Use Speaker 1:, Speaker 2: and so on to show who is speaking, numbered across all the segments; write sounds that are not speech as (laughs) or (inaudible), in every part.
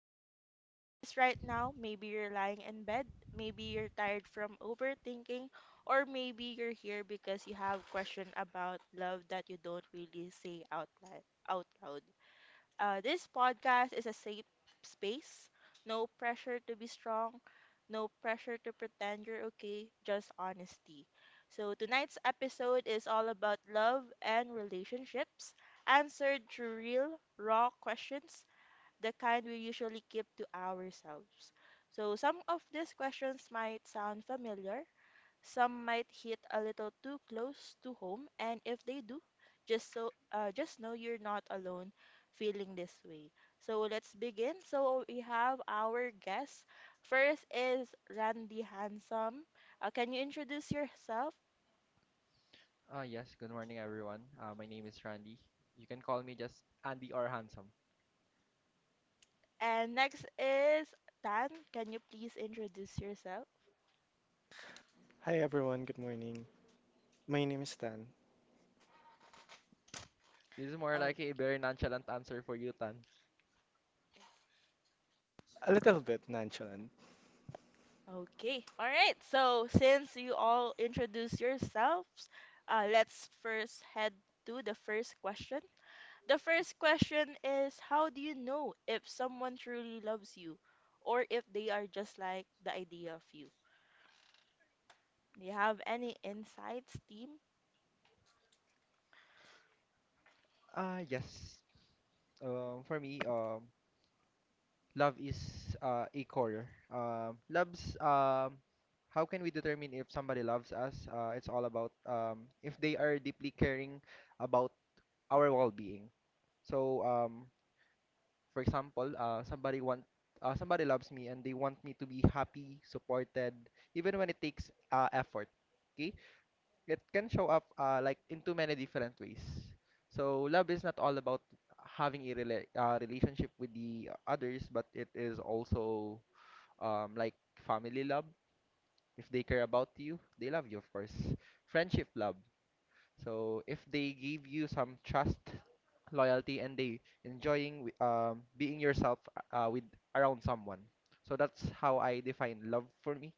Speaker 1: you're listening to this right now, maybe you're lying in bed, maybe you're tired from overthinking, or maybe you're here because you have question about love that you don't really say out loud. Out loud. This podcast is a safe space. No pressure to be strong, no pressure to pretend you're okay, just honesty. So, tonight's episode is all about love and relationships, answered through real, raw questions, the kind we usually keep to ourselves. So, some of these questions might sound familiar, some might hit a little too close to home, and if they do, just know you're not alone feeling this way. So let's begin. So we have our guests. First is Randy Handsome. Can you introduce yourself?
Speaker 2: Yes, Good morning everyone. My name is Randy. You can call me just Andy or Handsome.
Speaker 1: And next is Tan. Can you please introduce yourself?
Speaker 2: This is more
Speaker 1: Oh,
Speaker 2: like a very nonchalant answer for you, Tan.
Speaker 1: okay. All right. So since you all introduce yourselves, let's first head to the first question. The first question is how do you know if someone truly loves you or if they are just like the idea of you? Do you have any insights, team?
Speaker 2: Ah, yes. For me, love is a core. Um, loves, um, how can we determine if somebody loves us? It's all about if they are deeply caring about our well-being. So, um, For example, somebody loves me and they want me to be happy, supported, even when it takes effort. Okay, it can show up like in too many different ways. So love is not all about having a relationship with the others, but it is also like family love. If they care about you, they love you, of course. Friendship love. So if they give you some trust, loyalty, and they being yourself with around someone, so that's how I define love for me.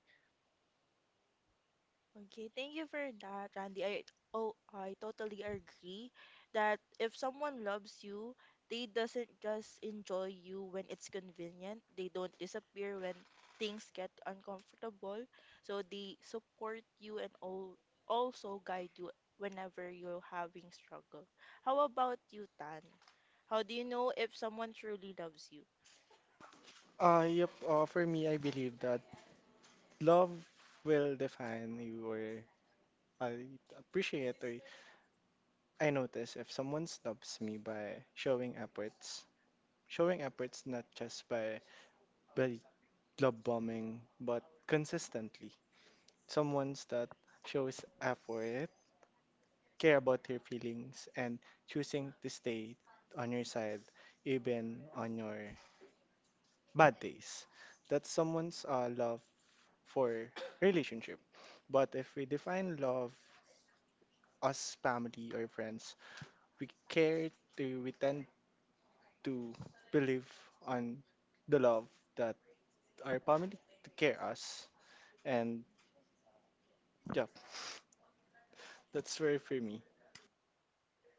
Speaker 1: Okay, thank you for that, Randy. I oh, I totally agree that if someone loves you, they doesn't just enjoy you when it's convenient. They don't disappear when things get uncomfortable. So they support you and all, also guide you whenever you're having struggle. How about you, Tan? How do you know if someone truly loves you?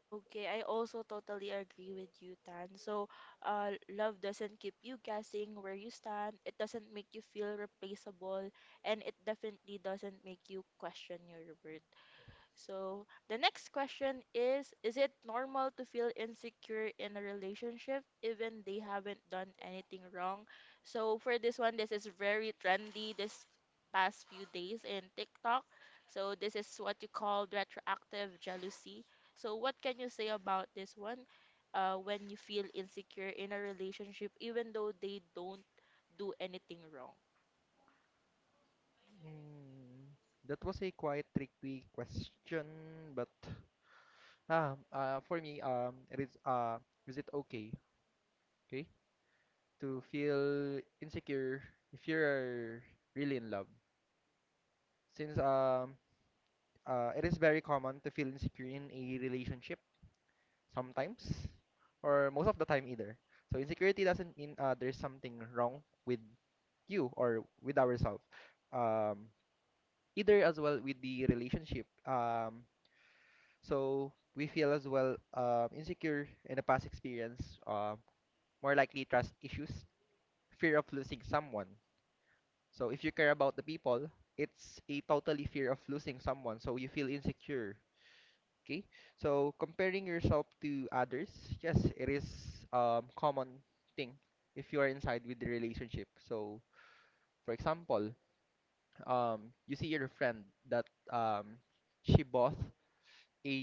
Speaker 1: Okay, I also totally agree with you, Tan. So, love doesn't keep you guessing where you stand. It doesn't make you feel replaceable, and it definitely doesn't make you question your worth. So, the next question is it normal to feel insecure in a relationship even they haven't done anything wrong? So, for this one, this is very trendy this past few days in TikTok. So, this is what you call retroactive jealousy. So, what can you say about this one when you feel insecure in a relationship even though they don't do anything wrong?
Speaker 2: Mm, that was a quite tricky question, but for me, it is is it okay, okay, to feel insecure if you're really in love? Since It is very common to feel insecure in a relationship sometimes or most of the time either. So insecurity doesn't mean there's something wrong with you or with ourselves. Um, Either as well with the relationship. So we feel as well insecure in a past experience, more likely trust issues, fear of losing someone. So if you care about the people, it's a totally fear of losing someone. So you feel insecure. Okay, so comparing yourself to others, yes, it is common thing if you are inside with the relationship. So, for example, you see your friend that um she bought a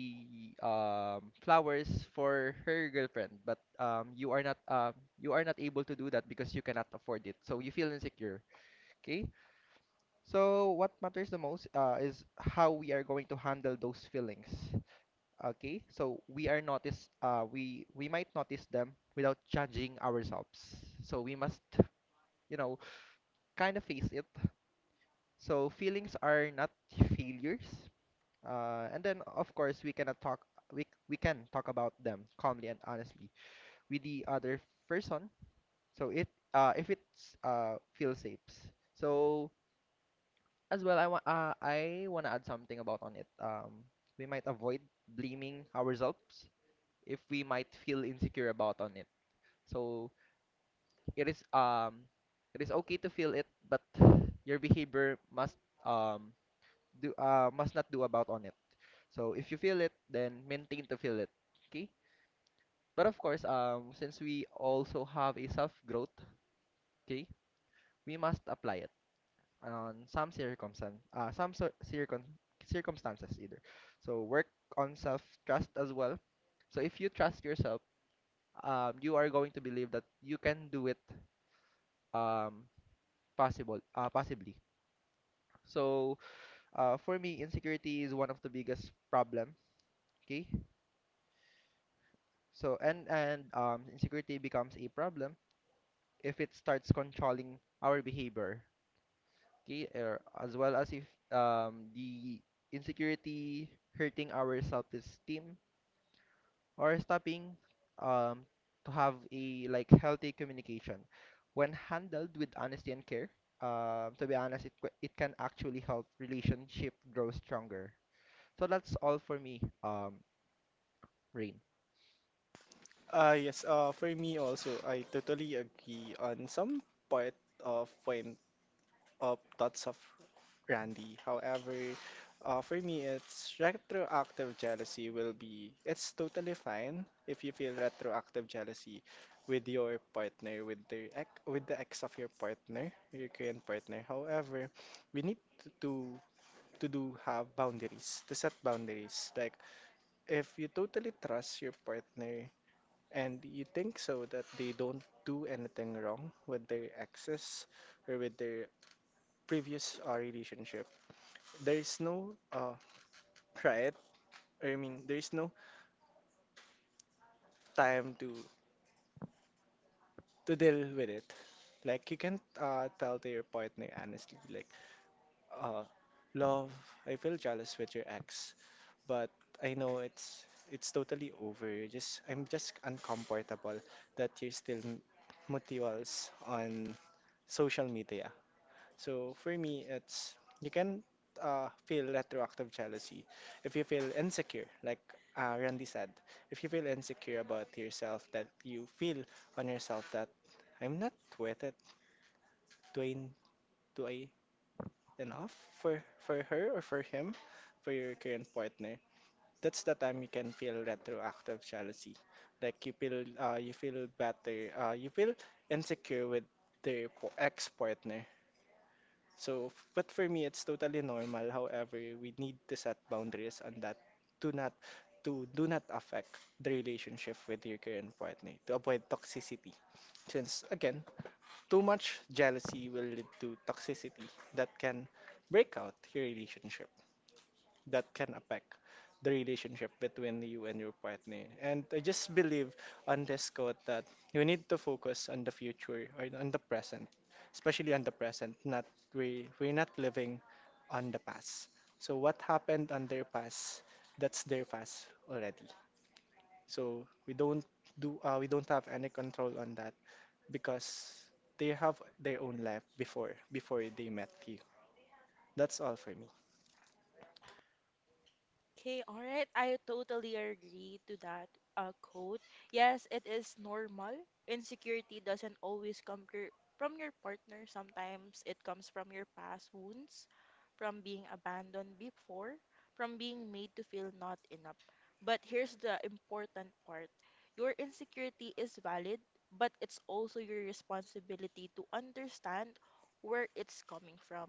Speaker 2: flowers for her girlfriend, but you are not you are not able to do that because you cannot afford it. So you feel insecure. Okay, so what matters the most is how we are going to handle those feelings. Okay, so we might notice them without judging ourselves. So we must, you know, kind of face it. So feelings are not failures. And then of course we cannot talk we can talk about them calmly and honestly with the other person. So it if it's feels safe. So as well I want to add something about on it. We might avoid blaming ourselves if we might feel insecure about on it. So it is um it is okay to feel it, but your behavior must um do must not do about on it. So if you feel it, then maintain to feel it. Okay? But of course, since we also have a self growth, okay, we must apply it on some circumstances either. So work on self trust as well. So if you trust yourself, you are going to believe that you can do it, um possible possibly. So for me insecurity is one of the biggest problem. Okay, so and insecurity becomes a problem if it starts controlling our behavior. Okay, as well as if the insecurity hurting our self-esteem or stopping um, to have a like healthy communication. When handled with honesty and care, to be honest, it can actually help relationship grow stronger. So that's all for me, Rain.
Speaker 1: Okay, all right. I totally agree to that quote. Yes, it is normal. Insecurity doesn't always come from your partner. Sometimes it comes from your past wounds, from being abandoned before, from being made to feel not enough. But here's the important part. Your insecurity is valid, but it's also your responsibility to understand where it's coming from.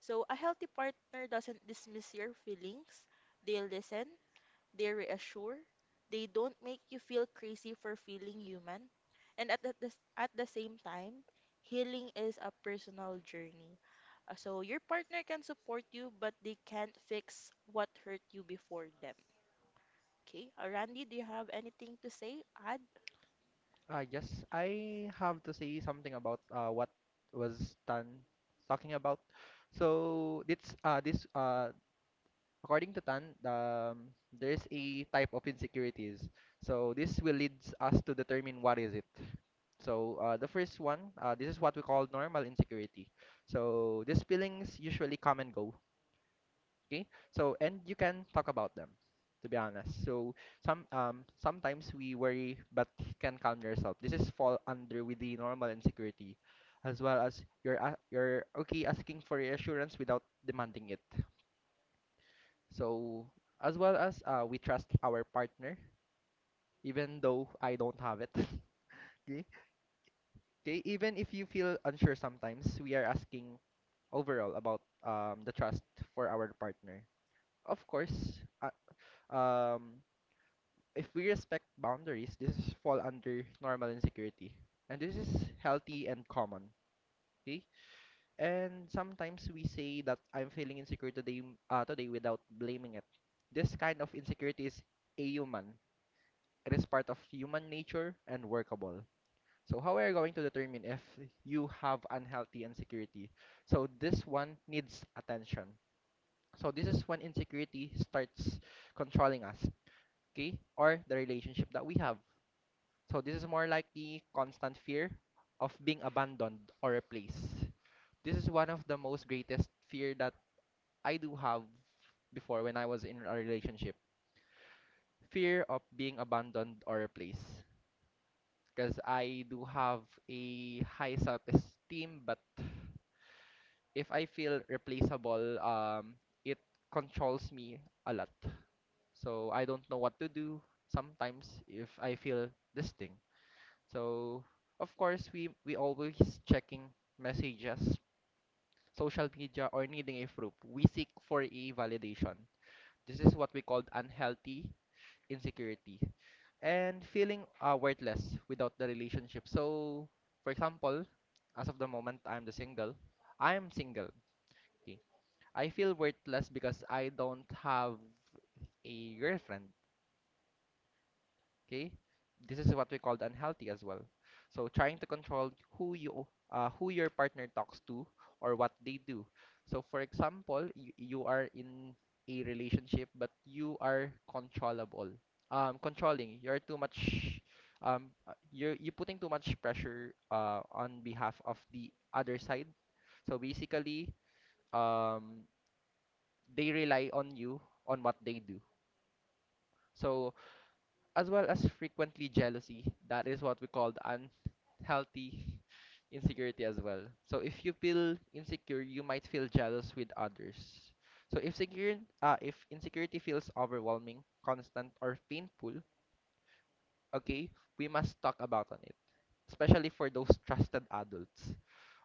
Speaker 1: So, a healthy partner doesn't dismiss your feelings. They listen, they reassure, they don't make you feel crazy for feeling human. And at the same time, healing is a personal journey. So your partner can support you, but they can't fix what hurt you before them. Okay. Randy, do you have anything to say? Add?
Speaker 2: I guess I have to say something about what was Tan talking about. So this this according to Tan, there is a type of insecurities. So this will leads us to determine what is it. So the first one, this is what we call normal insecurity. So these feelings usually come and go. Okay, so and you can talk about them to be honest. So sometimes we worry but can calm yourself. This is fall under with the normal insecurity, as well as you're okay asking for reassurance without demanding it. So as well as we trust our partner even though I don't have it (laughs) okay, okay, even if you feel unsure sometimes we are asking overall about the trust for our partner. Of course, um if we respect boundaries, this is fall under normal insecurity. And this is healthy and common. Okay? And sometimes we say that I'm feeling insecure today without blaming it. This kind of insecurity is a human. It is part of human nature and workable. So how are you going to determine if you have unhealthy insecurity? So this one needs attention. So this is when insecurity starts controlling us, okay? Or the relationship that we have. So this is more like the constant fear of being abandoned or replaced. This is one of the most greatest fear that I do have before when I was in a relationship. Fear of being abandoned or replaced. Because I do have a high self-esteem, but if I feel replaceable, it controls me a lot. So I don't know what to do sometimes if I feel this thing. So, of course, we always checking messages, social media, or needing a proof. We seek for a validation. This is what we called unhealthy insecurity and feeling worthless without the relationship. So, for example, as of the moment I am single. Okay. I feel worthless because I don't have a girlfriend. Okay, this is what we called unhealthy as well. So trying to control who your partner talks to or what they do. So for example, you are in a relationship but you are controllable. Controlling. You're too much. You putting too much pressure on behalf of the other side. So basically, um, they rely on you on what they do. So as well as frequently jealousy. That is what we call the unhealthy (laughs) insecurity as well. So if you feel insecure, you might feel jealous with others. So if insecurity feels overwhelming, constant, or painful, okay, we must talk about on it, especially for those trusted adults.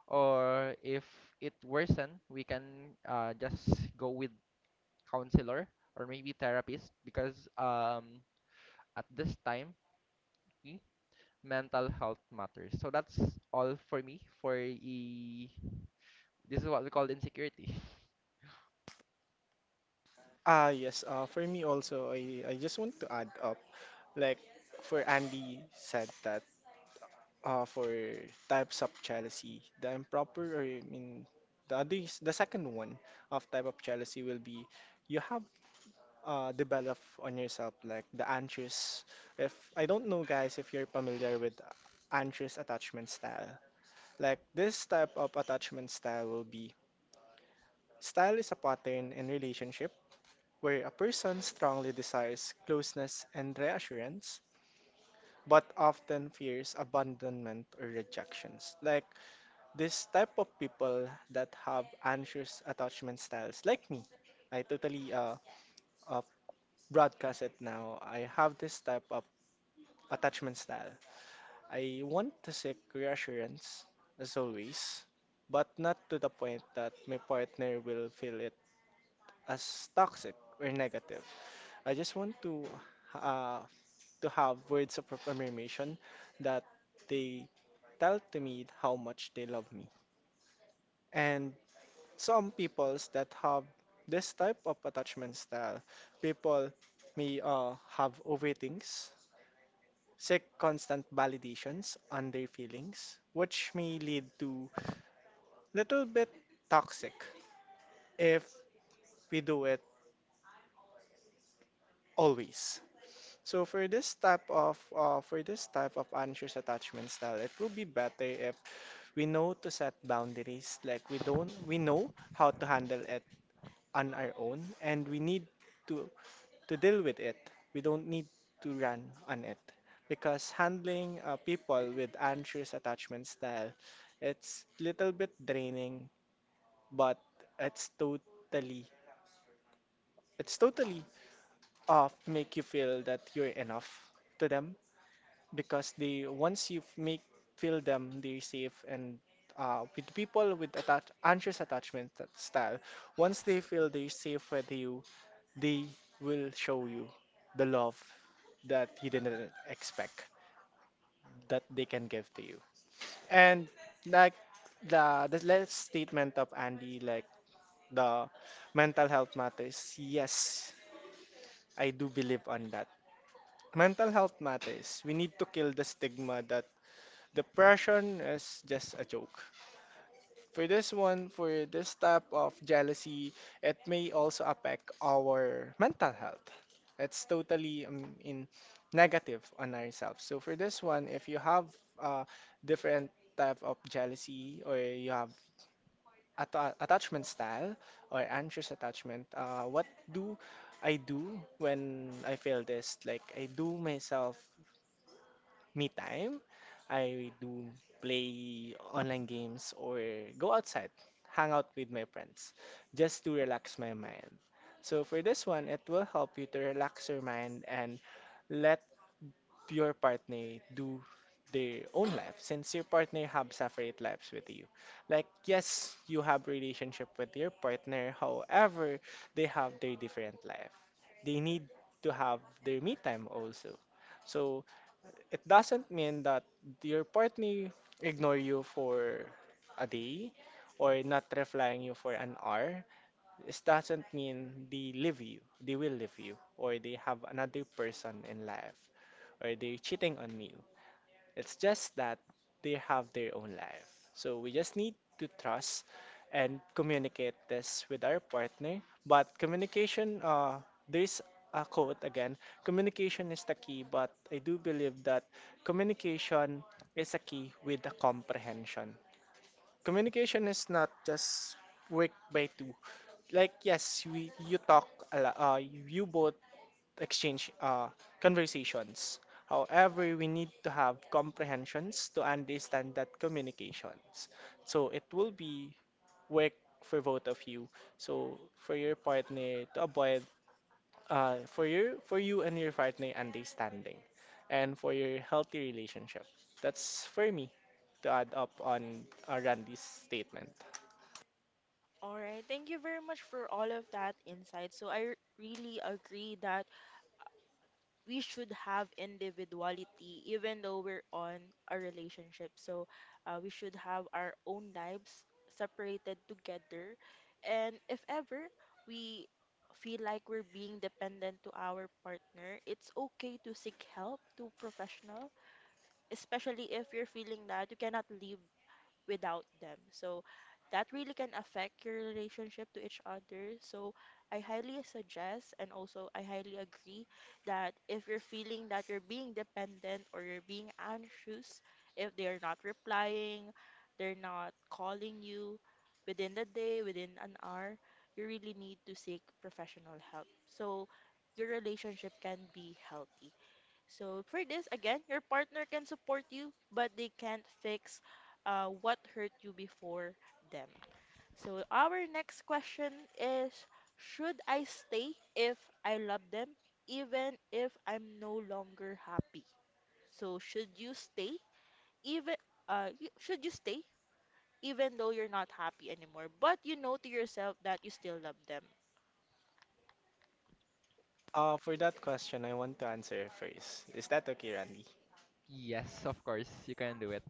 Speaker 2: Or if it worsen, we can just go with counselor or maybe therapist because at this time, okay, mental health matters. So that's all for me for e this is what we call insecurity. (laughs)
Speaker 1: All right, thank you very much for all of that insight. So I really agree that we should have individuality even though we're on a relationship, so we should have our own lives separated together, and if ever we feel like we're being dependent to our partner, it's okay to seek help to professional, especially if you're feeling that you cannot live without them. So that really can affect your relationship to each other. So I highly suggest and also I highly agree that if you're feeling that you're being dependent or you're being anxious, if they're not replying, they're not calling you within the day, within an hour, you really need to seek professional help. So your relationship can be healthy. So for this, again, your partner can support you, but they can't fix what hurt you before them. So our next question is, should I stay if I love them, even if I'm no longer happy? So should you stay even should you stay even though you're not happy anymore, but you know to yourself that you still love them?
Speaker 2: Yes, of course, you can do it.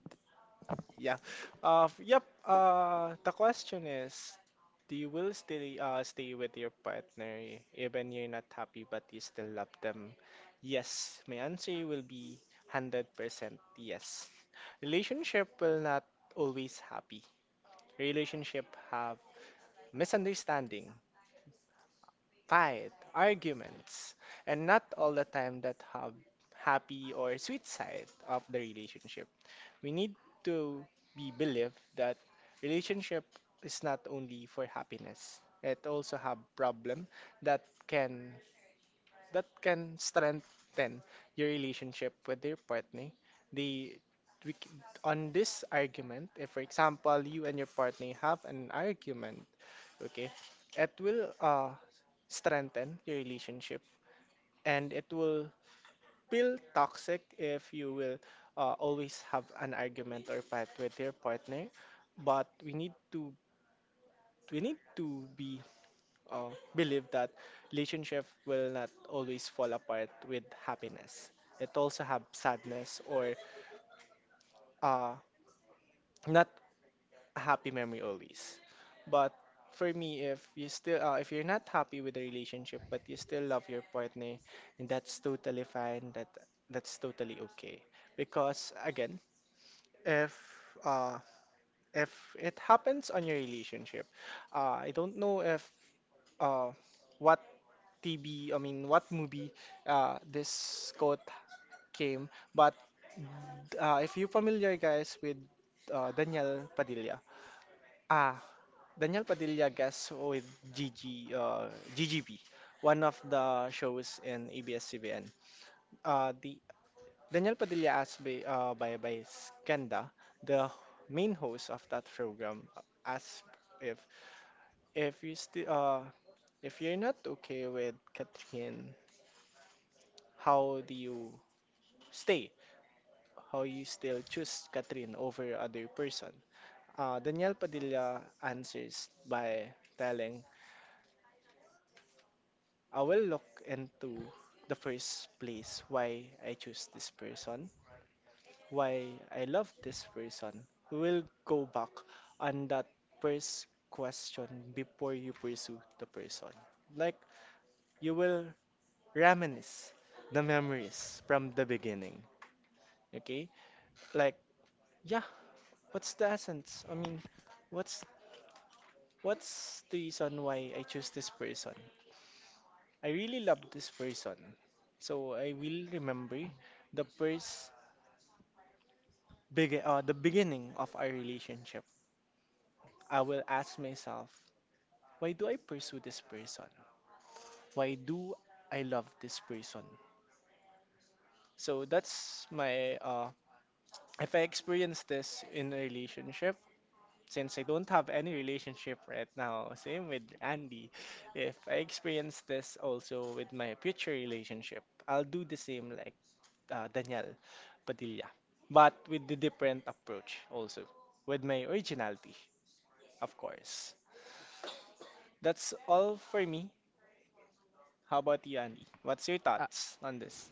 Speaker 2: Ah,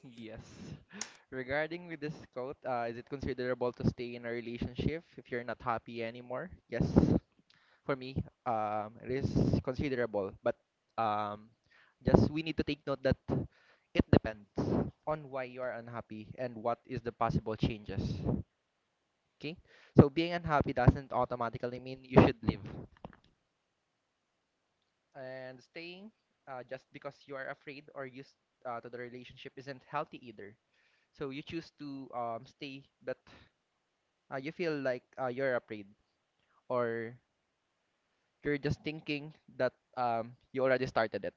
Speaker 2: yes. Regarding with this quote, is it considerable to stay in a relationship if you're not happy anymore? Yes. For me, it is considerable, but um, just we need to take note that it depends on why you are unhappy and what is the possible changes. Okay? So being unhappy doesn't automatically mean you should leave. And staying just because you are afraid or used to the relationship isn't healthy either. So you choose to stay, but you feel like you're afraid or you're just thinking that you already started it.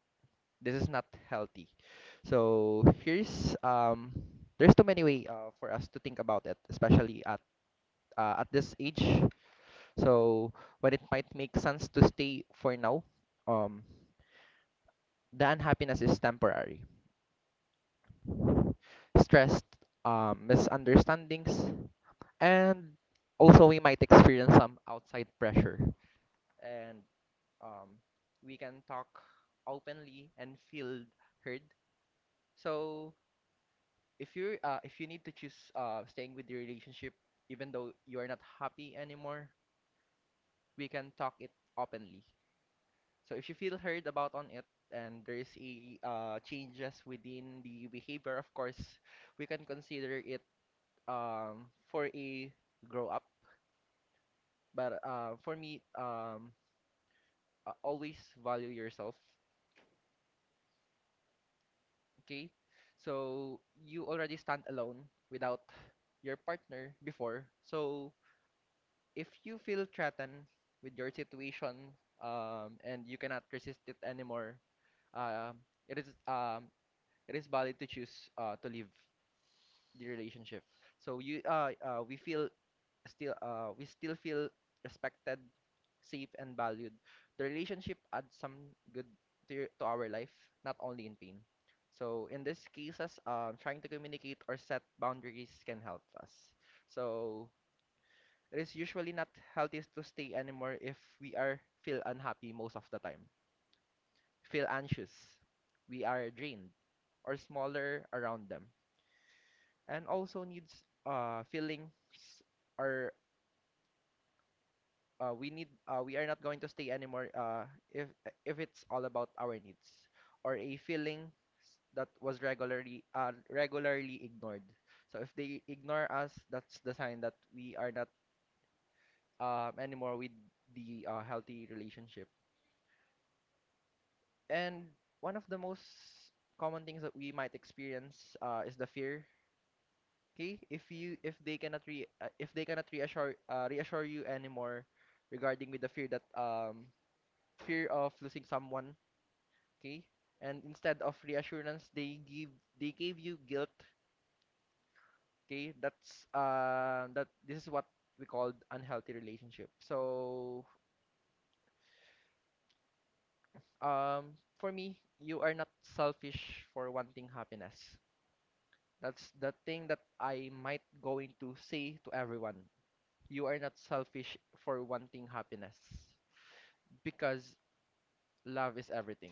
Speaker 2: This is not healthy. So here's there's too many way for us to think about it, especially at this age. So when it might make sense to stay for now, um, the unhappiness is temporary. Stress, misunderstandings, and also we might experience some outside pressure. And um, we can talk openly and feel heard. So if you need to choose staying with your relationship, even though you are not happy anymore, we can talk it openly. So if you feel heard about on it and there is a changes within the behavior, of course, we can consider it for a grow up. But for me, always value yourself, okay? So you already stand alone without your partner before. So if you feel threatened with your situation, and you cannot resist it anymore, um it is um, it is valid to choose to leave the relationship. So you we feel still we still feel respected, safe, and valued. The relationship adds some good to our life, not only in pain. So in these cases, trying to communicate or set boundaries can help us. So it is usually not healthy to stay anymore if we are feel unhappy most of the time, feel anxious, we are drained, or smaller around them, and also needs feelings or we are not going to stay anymore if if it's all about our needs or a feeling that was regularly ignored. So if they ignore us, that's the sign that we are not anymore with the healthy relationship. And one of the most common things that we might experience is the fear. Okay, if you if they cannot re if they cannot reassure you anymore regarding with the fear that, fear of losing someone, okay, and instead of reassurance they gave you guilt. Okay, that's that this is what we called unhealthy relationship. Um for me, you are not selfish for wanting happiness. That's the thing that I might going to say to everyone. You are not selfish for wanting happiness because love is everything.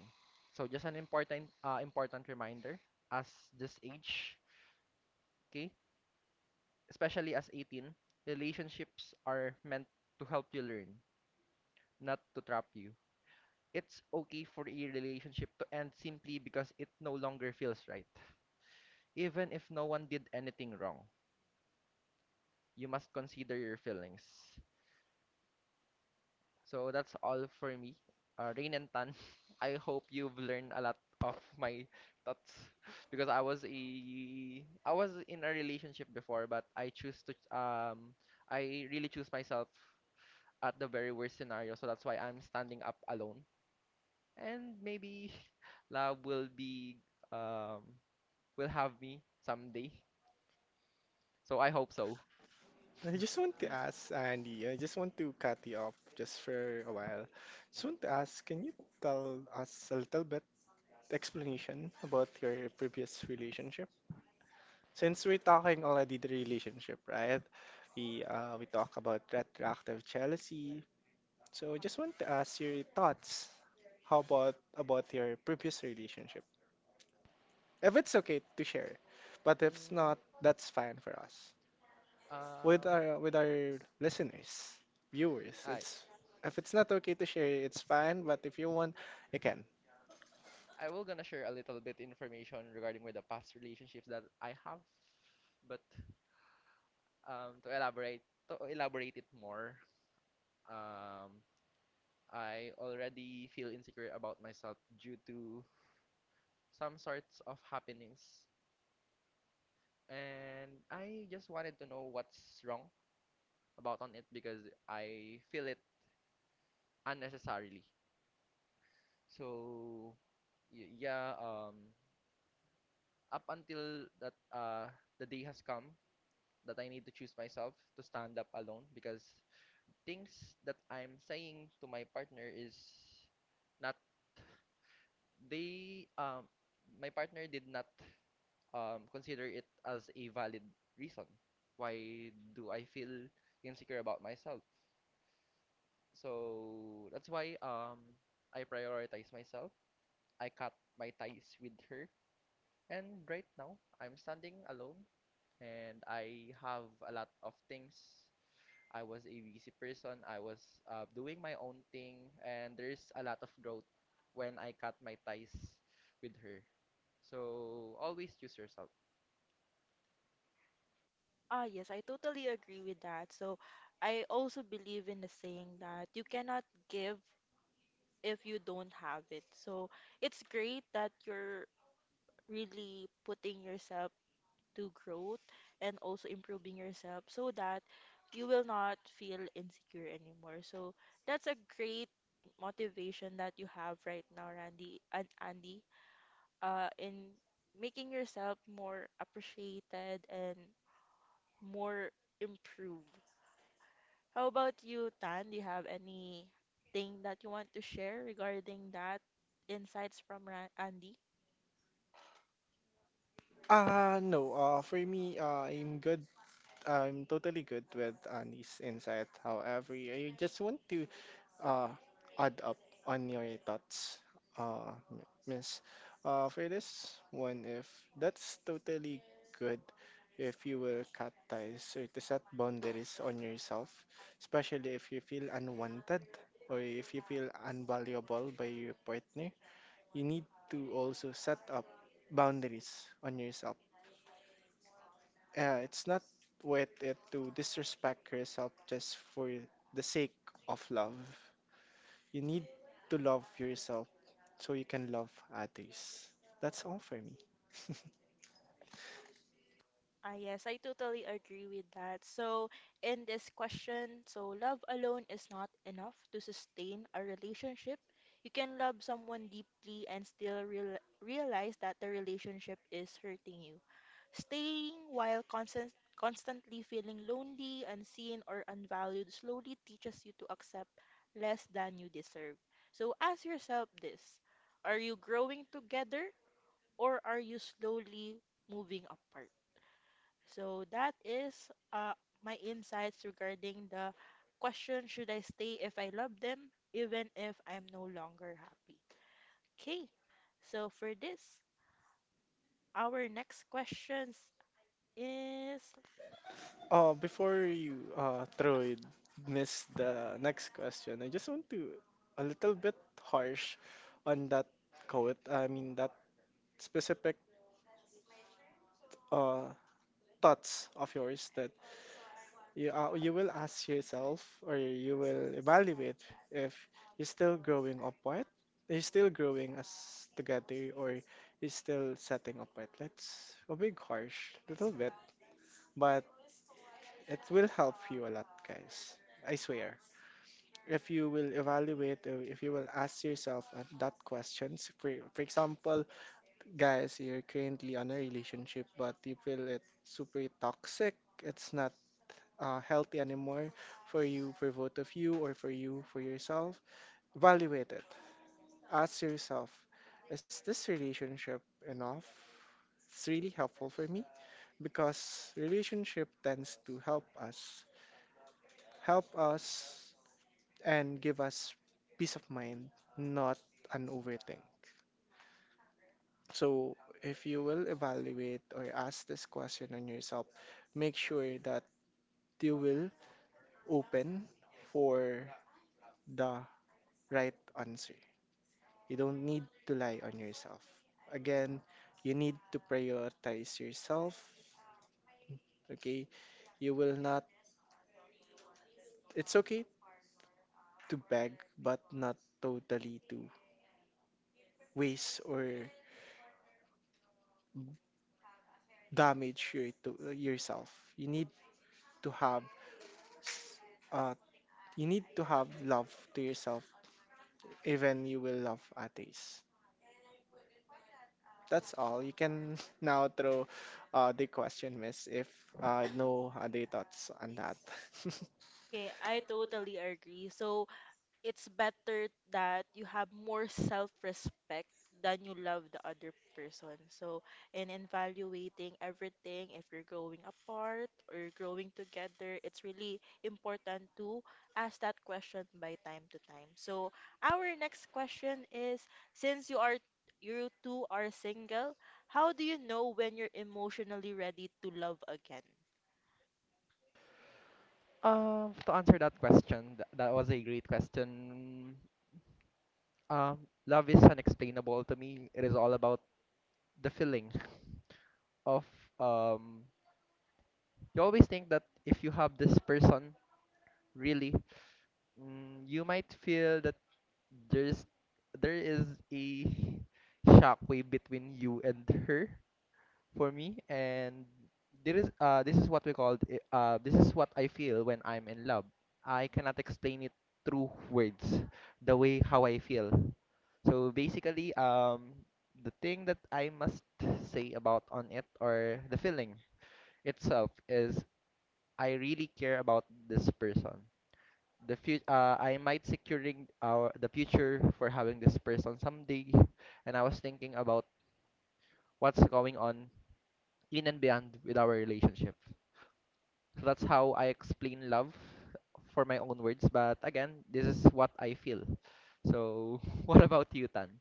Speaker 2: So just an important important reminder as this age, okay, especially as 18, relationships are meant to help you learn, not to trap you. It's okay for a relationship to end simply because it no longer feels right. Even if no one did anything wrong, you must consider your feelings. So that's all for me. Rain and Tan, (laughs) I hope you've learned a lot of my thoughts (laughs) because I was in a relationship before, but I choose to I really choose myself at the very worst scenario. So that's why I'm standing up alone. And maybe (laughs) love will be um will have me someday. So I hope so. Mm, uh, I I will gonna share a little bit information regarding with the past relationships that I have, but um to elaborate to elaborate it more, um I already feel insecure about myself due to some sorts of happenings, and I just wanted to know what's wrong about on it because I feel it unnecessarily. So yeah, up until that the day has come that I need to choose myself to stand up alone because things that I'm saying to my partner is not, they my partner did not consider it as a valid reason why do I feel insecure about myself. So that's why I prioritize myself. I cut my ties with her. And right now, I'm standing alone and I have a lot of things. I was a busy person. I was doing my own thing, and there's a lot of growth when I cut my ties with her. So always choose yourself.
Speaker 1: Ah, yes, I totally agree with that. So I also believe in the saying that you cannot give if you don't have it. So it's great that you're really putting yourself to growth and also improving yourself so that you will not feel insecure anymore. So that's a great motivation that you have right now, Randy and Andy, in making yourself more appreciated and more improved. How about you, Tan? Do you have anything that you want to share regarding that insights from Andy? Ah, yes, I totally agree with that. So, in this question, so love alone is not enough to sustain a relationship. You can love someone deeply and still realize that the relationship is hurting you. Staying while constantly feeling lonely, unseen, or unvalued slowly teaches you to accept less than you deserve. So ask yourself this, are you growing together or are you slowly moving apart? So that is my insights regarding the question, should I stay if I love them, even if I'm no longer happy? Okay, so for this, our next questions is. Okay, I totally agree. So it's better that you have more self-respect than you love the other person. So in evaluating everything, if you're growing apart or growing together, it's really important to ask that question by time to time. So our next question is, since you are you two are single, how do you know when you're emotionally ready to love again?
Speaker 2: To answer that question, that was a great question. Um, love is unexplainable to me. It is all about the feeling of um. You always think that if you have this person really, you might feel that there's there is a shockwave between you and her, for me. And there is this is what I feel when I'm in love. I cannot explain it through words the way how I feel. So basically the thing that I must say about on it, or the feeling itself, is I really care about this person. The future I might securing our the future for having this person someday, and I was thinking about what's going on in and beyond with our relationship. So that's how I explain love for my own words, but again, this is what I feel. So (laughs) what about you, Tan?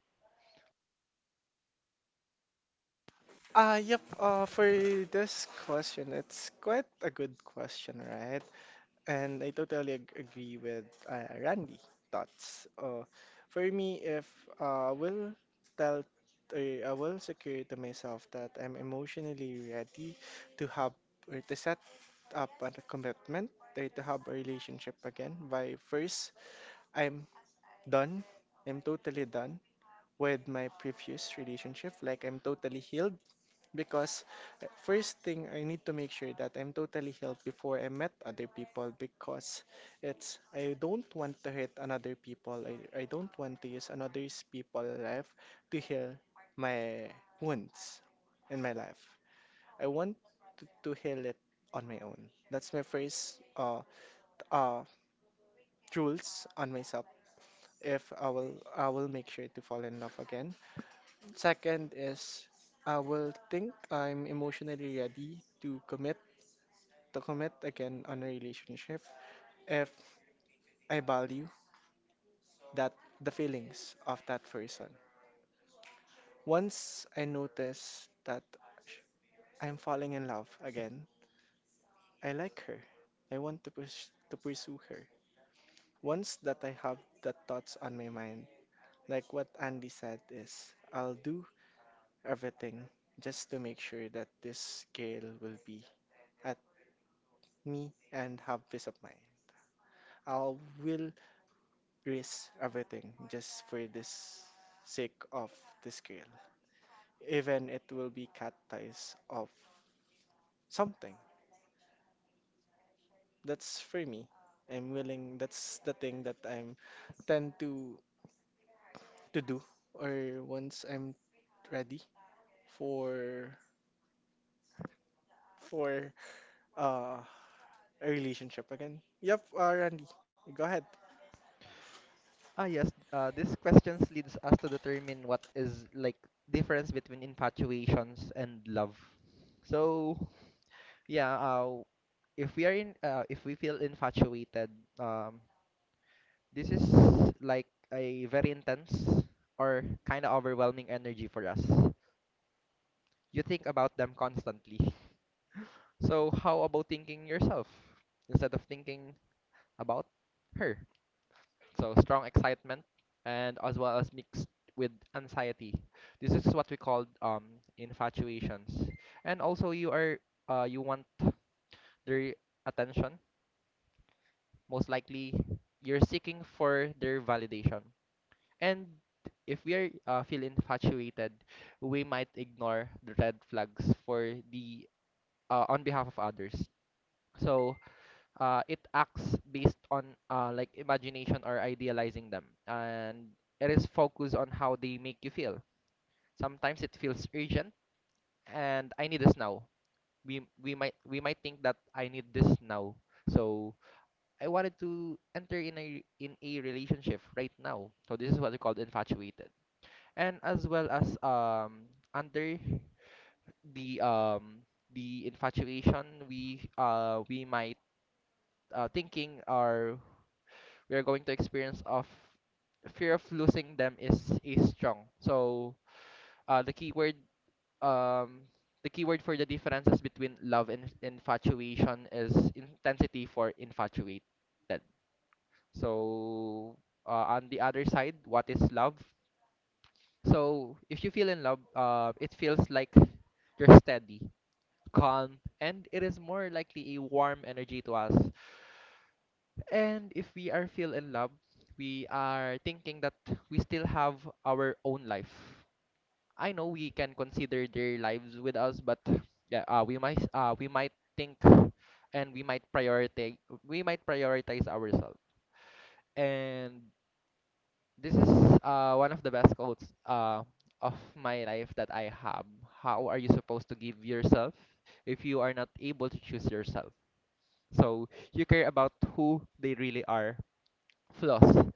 Speaker 2: Ah, yes, these questions leads us to determine what is like difference between infatuations and love. So yeah, if we feel infatuated, um this is like a very intense or kind of overwhelming energy for us. You think about them constantly. So, how about thinking yourself instead of thinking about her? So, strong excitement and as well as mixed with anxiety. This is what we call infatuations. And also, you are you want their attention. Most likely, you're seeking for their validation. And if we are feel infatuated, we might ignore the red flags for the on behalf of others. So it acts based on like imagination or idealizing them, and it is focused on how they make you feel. Sometimes it feels urgent, and I need this now. We might think that I need this now. So I wanted to enter in a relationship right now. So this is what we call infatuated. And as well as under the um the infatuation we might thinking, or we are going to experience of fear of losing them, is strong. So the keyword, um the keyword for the differences between love and infatuation is intensity for infatuated. So on the other side, what is love? So if you feel in love, it feels like you're steady, calm, and it is more likely a warm energy to us. And if we are feel in love, we are thinking that we still have our own life. I know we can consider their lives with us, but yeah, we might think, and we might prioritize ourselves. And this is one of the best quotes of my life that I have. How are you supposed to give yourself if you are not able to choose yourself? So you care about who they really are, flaws.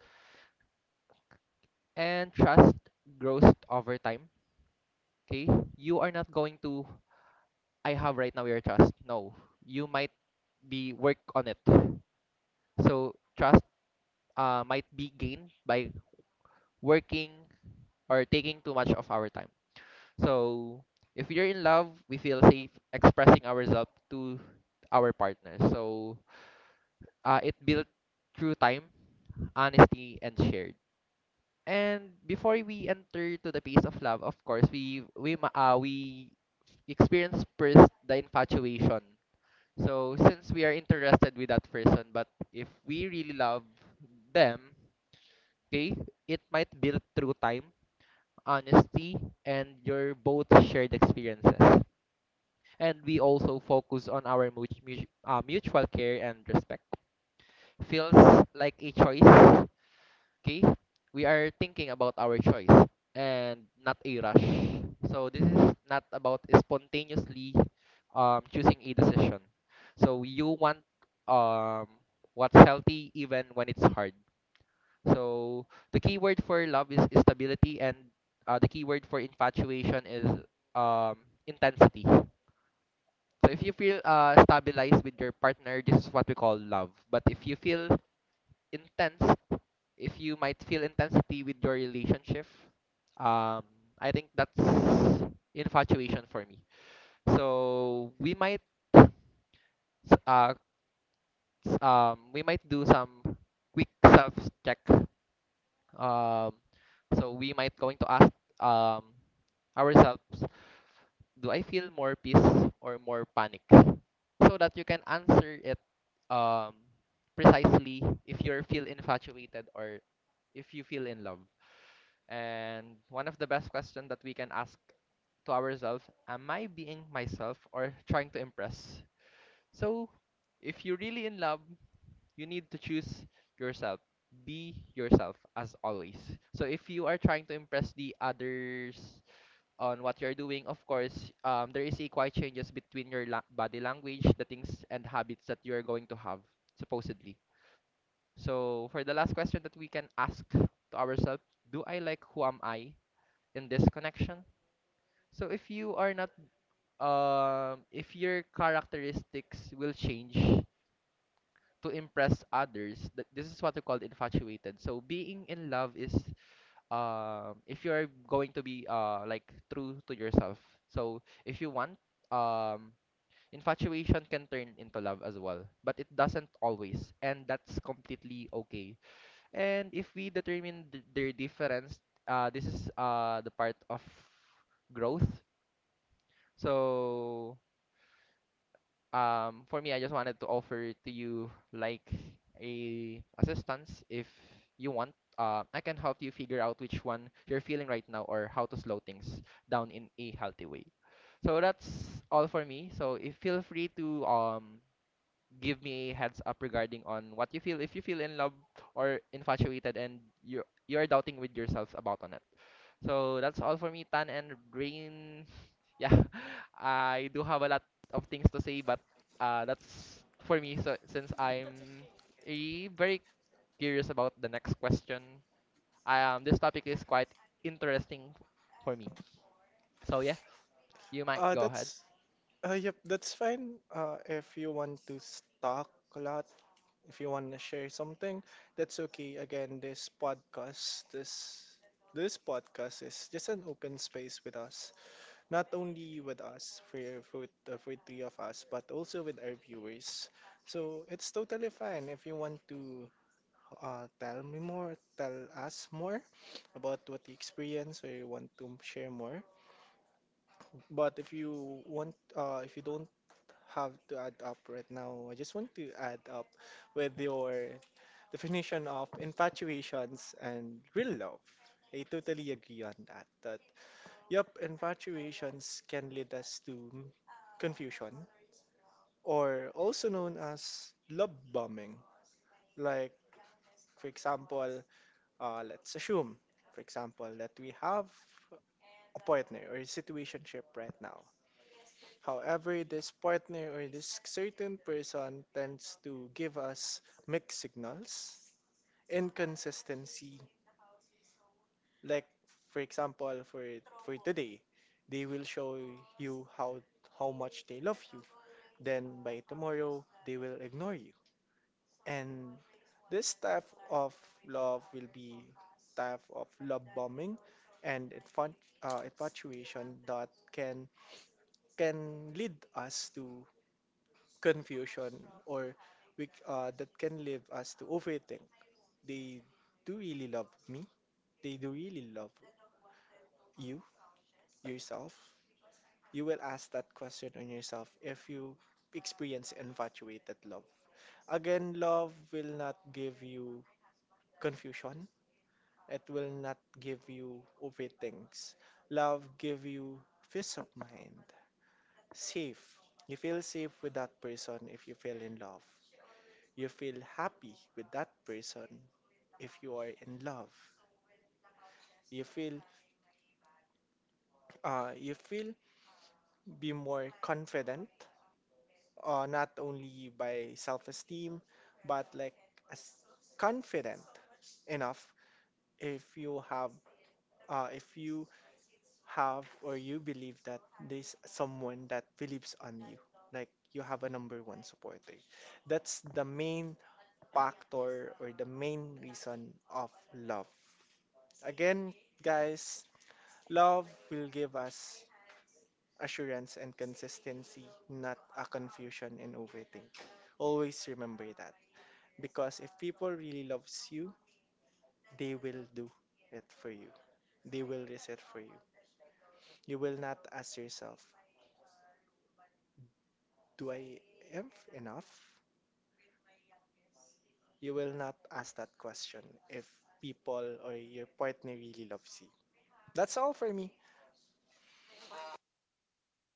Speaker 2: And trust grows over time. Okay? You are not going to, I have right now your trust. No. You might be work on it. So trust might be gained by working or taking too much of our time. So if you're in love, we feel safe expressing ourselves to our partner. So it built through time, honesty, and shared. And before we enter to the phase of love, of course, we experience first the infatuation. So since we are interested with that person, but if we really love them, okay, it might build through time, honesty, and your both shared experiences. And we also focus on our mutual care and respect. Feels like a choice, okay? We are thinking about our choice and not a rush. So this is not about spontaneously choosing a decision. So you want, um, what's healthy even when it's hard. So the key word for love is stability, and the key word for infatuation is, um, intensity. So if you feel stabilized with your partner, this is what we call love. But if you feel intense, if you might feel intensity with your relationship, um, I think that's infatuation for me. So we might uh, we might do some quick self check. Um, so we might going to ask, um, ourselves, do I feel more peace or more panic? So that you can answer it um, precisely if you feel infatuated or if you feel in love. And one of the best questions that we can ask to ourselves, am I being myself or trying to impress? So if you're really in love, you need to choose yourself. Be yourself as always. So if you are trying to impress the others on what you're doing, of course, there is a quite changes between your body language, the things and habits that you are going to have, supposedly. So, for the last question that we can ask to ourselves, do I like who am I in this connection? So, if you are not, if your characteristics will change to impress others, that this is what we call infatuated. So, being in love is if you're going to be like true to yourself. So if you want um infatuation can turn into love as well, but it doesn't always, and that's completely okay. And if we determine their difference, this is the part of growth. So for me, I just wanted to offer to you like a assistance if you want. I can help you figure out which one you're feeling right now, or how to slow things down in a healthy way. So that's all for me. So if feel free to give me a heads up regarding on what you feel, if you feel in love or infatuated and you're doubting with yourselves about on it. So that's all for me, Tan and Rain. (laughs) Yeah, I do have a lot of things to say, but that's for me. So since I'm very curious about the next question, this topic is quite interesting for me. So yeah, you might go ahead.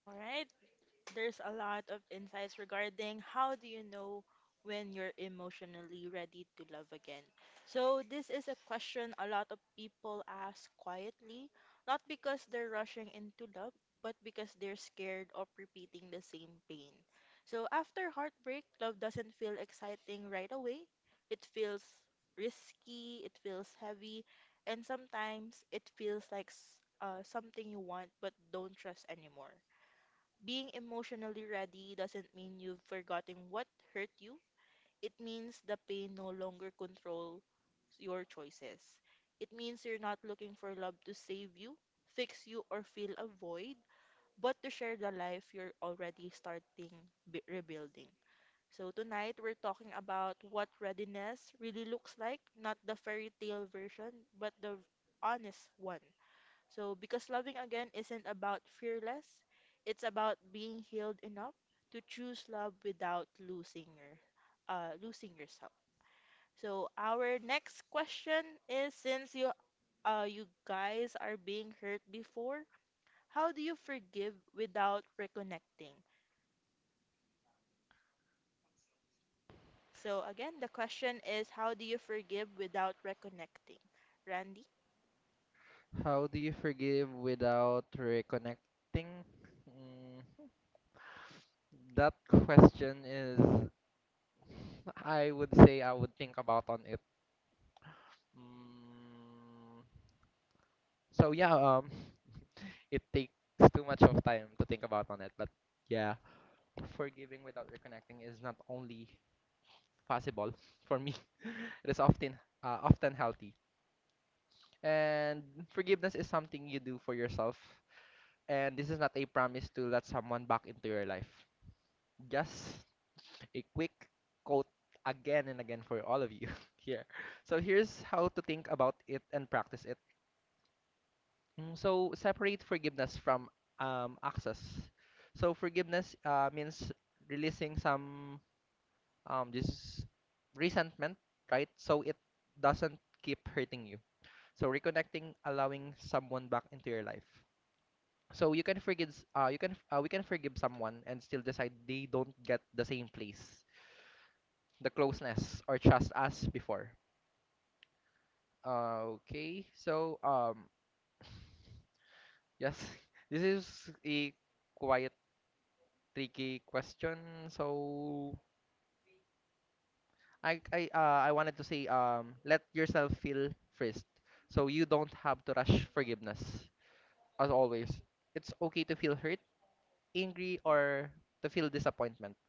Speaker 1: All right, there's a lot of insights regarding how do you know when you're emotionally ready to love again. So this is a question a lot of people ask quietly, not because they're rushing into love, but because they're scared of repeating the same pain. So after heartbreak, love doesn't feel exciting right away. It feels risky, it feels heavy, and sometimes it feels like something you want but don't trust anymore. Being emotionally ready doesn't mean you've forgotten what hurt you. It means the pain no longer controls your choices. It means you're not looking for love to save you, fix you, or fill a void, but to share the life you're already rebuilding. So, tonight we're talking about what readiness really looks like, not the fairy tale version, but the honest one. So, because loving again isn't about fearless, it's about being healed enough to choose love without losing yourself. So, our next question is, since you guys are being hurt before, how do you forgive without reconnecting? So, again, the question is, how do you forgive without reconnecting? Randy?
Speaker 2: How do you forgive without reconnecting? Mm, that question is, I would say I would think about on it. Mm, so yeah, um. It takes too much of time to think about on it. But yeah, forgiving without reconnecting is not only possible for me; (laughs) it is often often healthy. And forgiveness is something you do for yourself, and this is not a promise to let someone back into your life. Just a quick quote again and again for all of you (laughs) here. So here's how to think about it and practice it. So separate forgiveness from, access. So forgiveness means releasing some this resentment, right? So it doesn't keep hurting you. So reconnecting, allowing someone back into your life. So you can you can we can forgive someone and still decide they don't get the same place, the closeness or trust as before. Okay, so (sighs) yes, (laughs) this is a quiet tricky question. So I wanted to say let yourself feel first. So you don't have to rush forgiveness. As always, it's okay to feel hurt, angry, or to feel disappointment.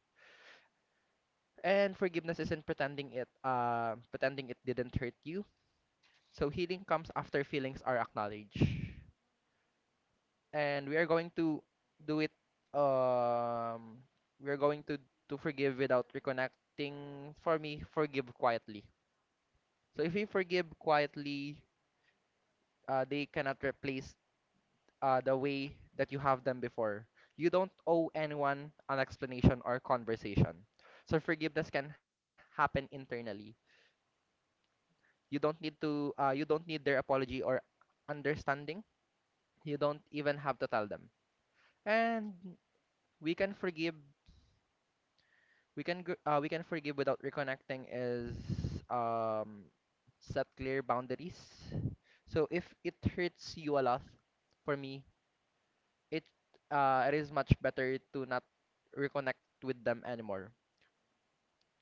Speaker 2: And forgiveness isn't pretending it didn't hurt you. So healing comes after feelings are acknowledged. And we are going to do it um we are going to forgive without reconnecting, for me forgive quietly. So if you forgive quietly, they cannot replace the way that you have them before. You don't owe anyone an explanation or conversation. So forgiveness can happen internally. You don't need to. You don't need their apology or understanding. You don't even have to tell them. And we can forgive. We can forgive without reconnecting. Is um, Set clear boundaries. So if it hurts you a lot, for me it it is much better to not reconnect with them anymore.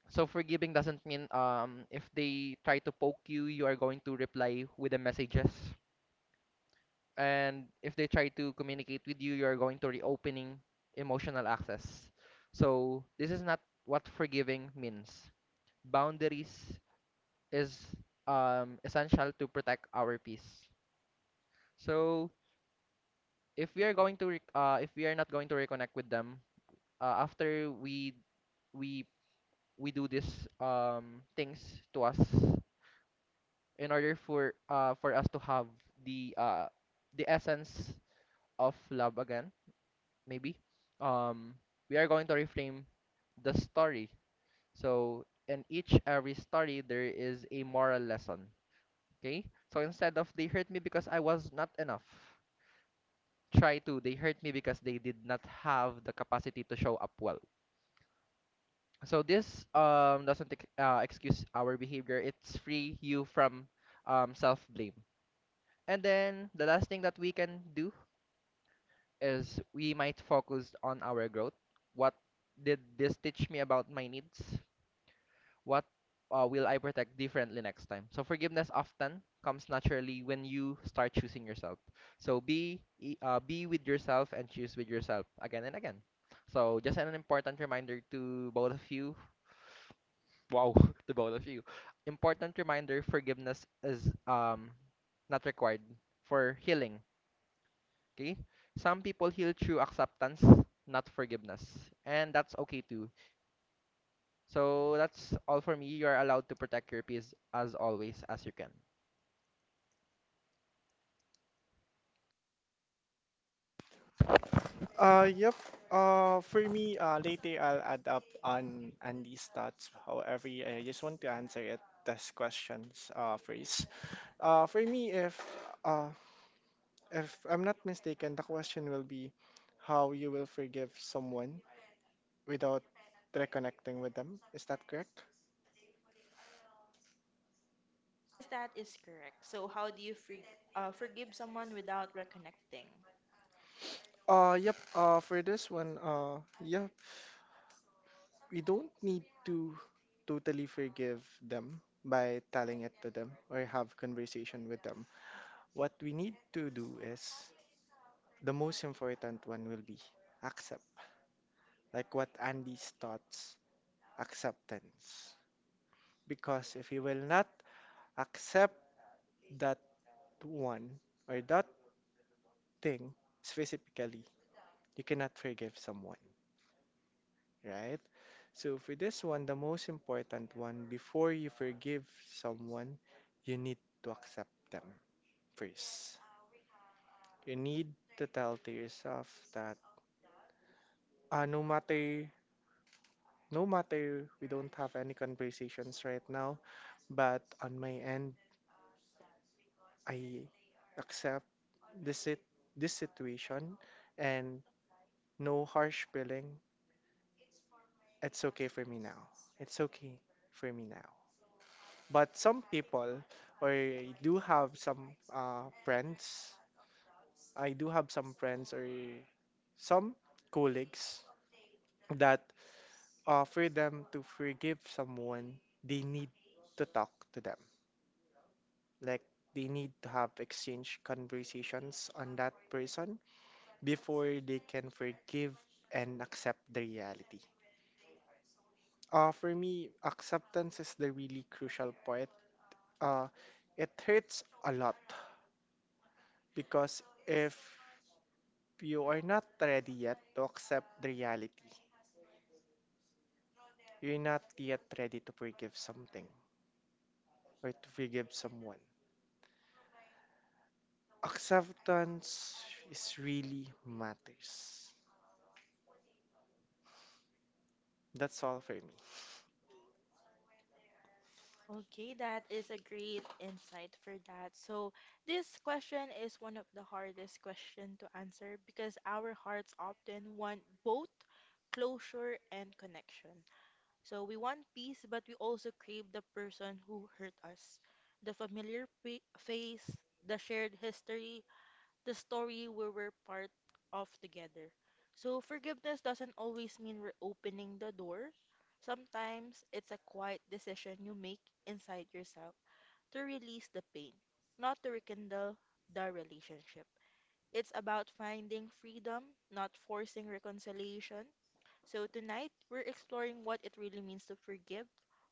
Speaker 2: So forgiving doesn't mean, if they try to poke you, you are going to reply with the messages, and if they try to communicate with you, you are going to reopening emotional access. So this is not what forgiving means. Boundaries is essential to protect our peace. So if we are going to if we are not going to reconnect with them after we we do these things to us in order for us to have the uh, the essence of love again, maybe um, we are going to reframe the story. So in each every story there is a moral lesson, okay? So instead of they hurt me because I was not enough, try to they hurt me because they did not have the capacity to show up well. So this doesn't excuse our behavior. It's free you from self-blame. And then the last thing that we can do is we might focus on our growth. What did this teach me about my needs? What will I protect differently next time? So forgiveness often comes naturally when you start choosing yourself. So be with yourself and choose with yourself again and again. So just an important reminder to both of you. Wow, (laughs) to both of you. Important reminder, forgiveness is not required for healing, okay? Some people heal through acceptance, not forgiveness, and that's okay too. So that's all for me. You are allowed to protect your peace as always as you can.
Speaker 1: Yes, that is correct. So, how do you forgive someone without reconnecting? Okay, that is a great insight for that. So, this question is one of the hardest question to answer because our hearts often want both closure and connection. So, we want peace, but we also crave the person who hurt us, the face, the shared history, the story we were part of together. So, forgiveness doesn't always mean reopening the door. Sometimes it's a quiet decision you make inside yourself to release the pain, not to rekindle the relationship. It's about finding freedom, not forcing reconciliation. So, tonight we're exploring what it really means to forgive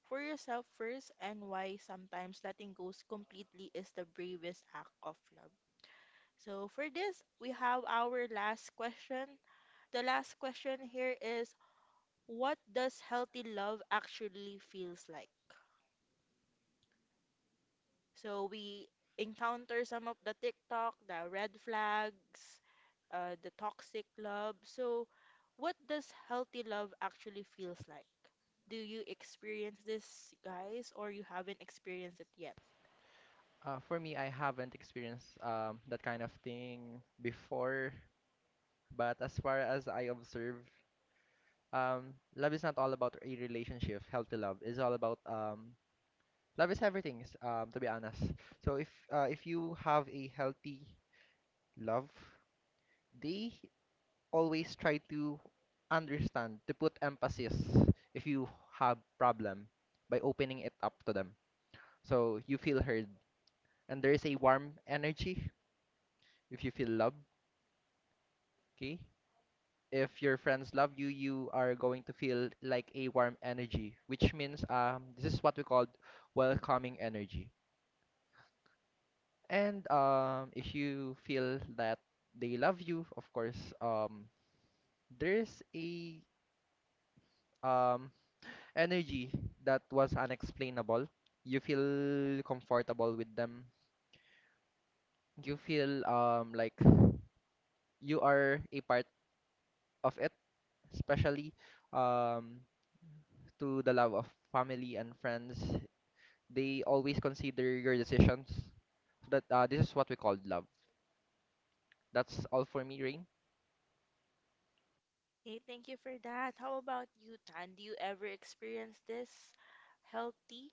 Speaker 1: for yourself first and why sometimes letting go completely is the bravest act of love. So for this, we have our last question. The last question here is, what does healthy love actually feels like? So we encounter some of the TikTok, the red flags, the toxic love. So what does healthy love actually feels like? Do you experience this, guys, or you haven't experienced it yet?
Speaker 2: For me, I haven't experienced that kind of thing before, but as far as I observe, love is not all about a relationship. Healthy love is all about love is everything, to be honest. So if you have a healthy love, they always try to understand, to put emphasis if you have problem by opening it up to them. So you feel heard and there is a warm energy if you feel love, okay? If your friends love you, you are going to feel like a warm energy, which means this is what we call welcoming energy. And if you feel that they love you, of course, there's a um, energy that was unexplainable. You feel comfortable with them. You feel like you are a part of it, especially um, to the love of family and friends. They always consider your decisions. So that this is what we call love. That's all for me, Rain.
Speaker 1: Okay, thank you for that. How about you, Tan? Do you ever experience this healthy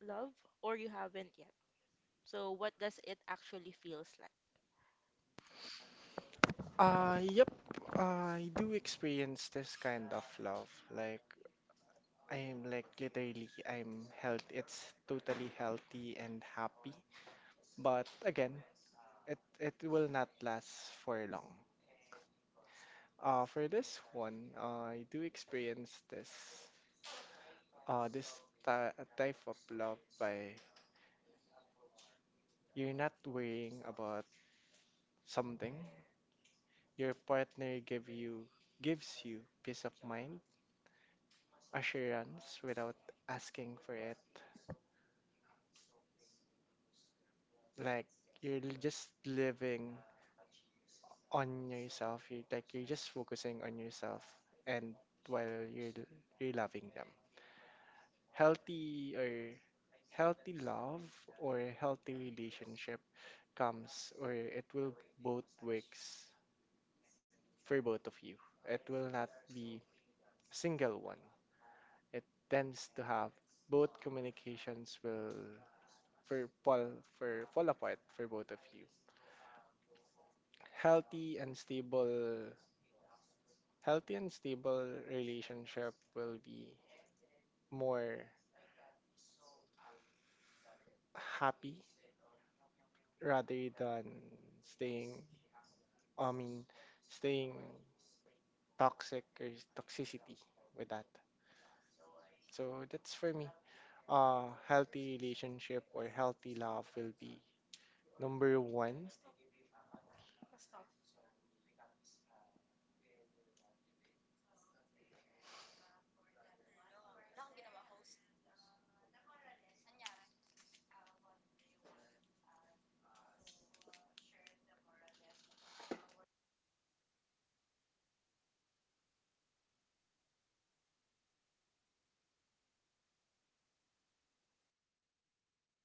Speaker 1: love, or you haven't yet? So, what does it actually feels like?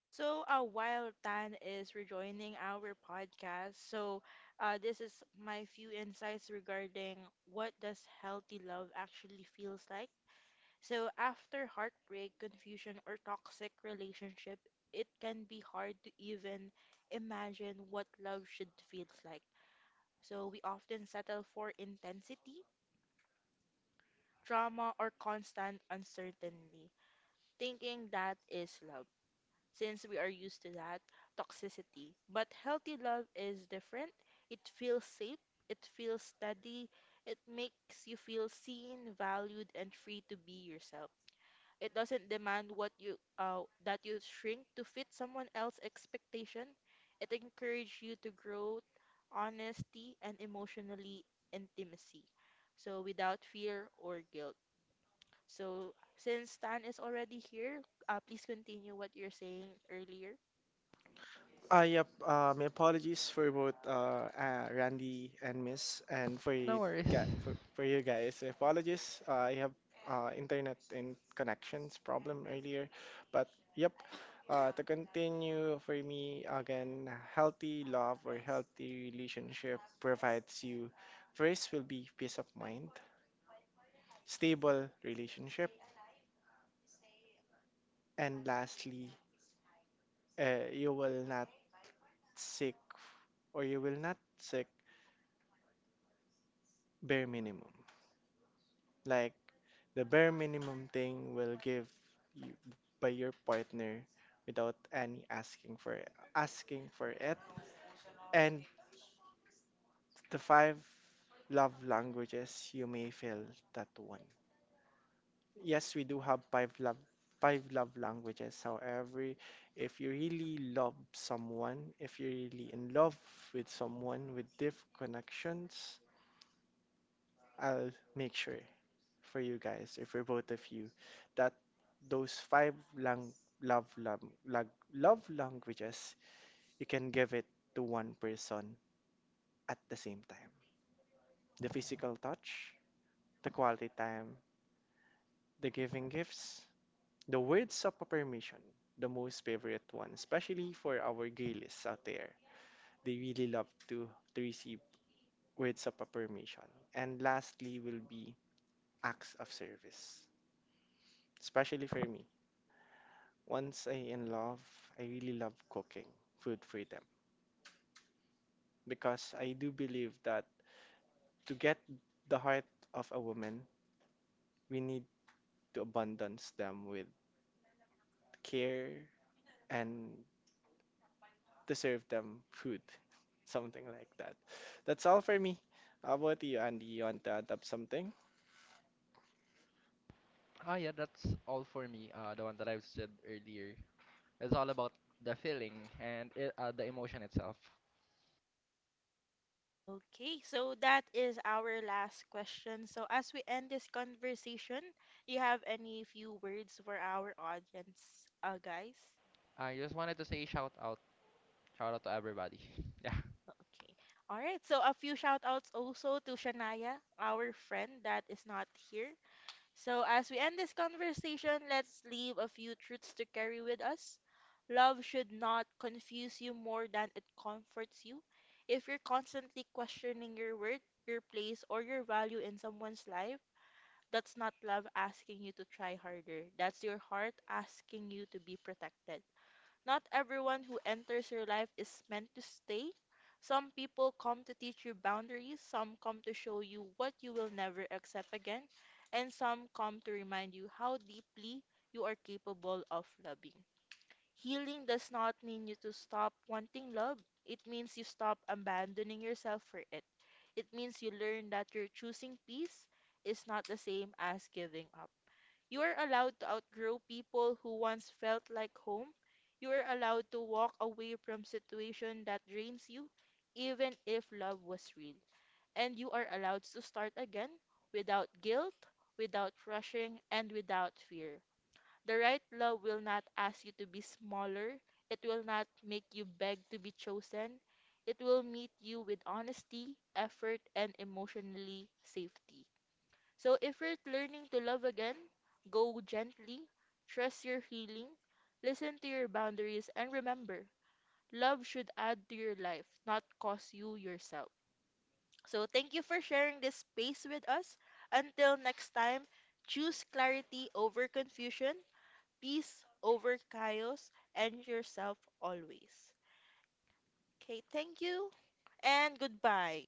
Speaker 1: So, while Tan is rejoining our podcast, so this is my few insights regarding what does healthy love actually feels like. So, after heartbreak, confusion, or toxic relationship, it can be hard to even imagine what love should feel like. So, we often settle for intensity, drama, or constant uncertainty, thinking that is love, since we are used to that toxicity. But healthy love is different. It feels safe, it feels steady, it makes you feel seen, valued, and free to be yourself. It doesn't demand what you that you shrink to fit someone else's expectation. It encourages you to grow honesty and emotionally intimacy. So without fear or guilt. So since Tan is already here, please continue what you're saying earlier.
Speaker 3: Yep. My apologies for both Randy and Miss, and for
Speaker 2: No
Speaker 3: you,
Speaker 2: worries.
Speaker 3: for you guys. Apologies. I have internet and connections problem earlier, but yep. To continue for me again, healthy love or healthy relationship provides you. First will be peace of mind, stable relationship, and lastly, you will not seek or you will not seek bare minimum. Like, the bare minimum thing will give you by your partner without any asking for it. And the five love languages, you may feel that one. Yes, we do have five love languages. However, if you really love someone, if you're really in love with someone with deep connections, I'll make sure for you guys or for both of you that those five lang- love, love, love, love languages you can give it to one person at the same time: the physical touch, the quality time, the giving gifts, the words of affirmation, the most favorite one, especially for our gaylists out there. They really love to receive words of affirmation. And lastly will be acts of service, especially for me. Once I in love, I really love cooking food freedom, because I do believe that to get the heart of a woman, we need to abundance them with care and to serve them food, (laughs) something like that. That's all for me. How about you, Andy? You want to add up something?
Speaker 2: Ah, yeah, that's all for me. The one that I've said earlier. It's all about the feeling and the emotion itself.
Speaker 1: Okay, so that is our last question. So as we end this conversation, you have any few words for our audience, guys?
Speaker 2: I just wanted to say shout out to everybody. (laughs) Yeah.
Speaker 1: Okay. All right. So a few shout outs also to Shania, our friend that is not here. So, as we end this conversation, let's leave a few truths to carry with us. Love should not confuse you more than it comforts you. If you're constantly questioning your worth, your place, or your value in someone's life, that's not love asking you to try harder. That's your heart asking you to be protected. Not everyone who enters your life is meant to stay. Some people come to teach you boundaries, some come to show you what you will never accept again, and some come to remind you how deeply you are capable of loving. Healing does not mean you to stop wanting love. It means you stop abandoning yourself for it. It means you learn that your choosing peace is not the same as giving up. You are allowed to outgrow people who once felt like home. You are allowed to walk away from situation that drains you, even if love was real. And you are allowed to start again without guilt, without rushing, and without fear. The right love will not ask you to be smaller. It will not make you beg to be chosen. It will meet you with honesty, effort, and emotionally safety. So if you're learning to love again, go gently, trust your healing, listen to your boundaries, and remember, love should add to your life, not cost you yourself. So thank you for sharing this space with us. Until next time, choose clarity over confusion, peace over chaos, and yourself always. Okay, thank you and goodbye.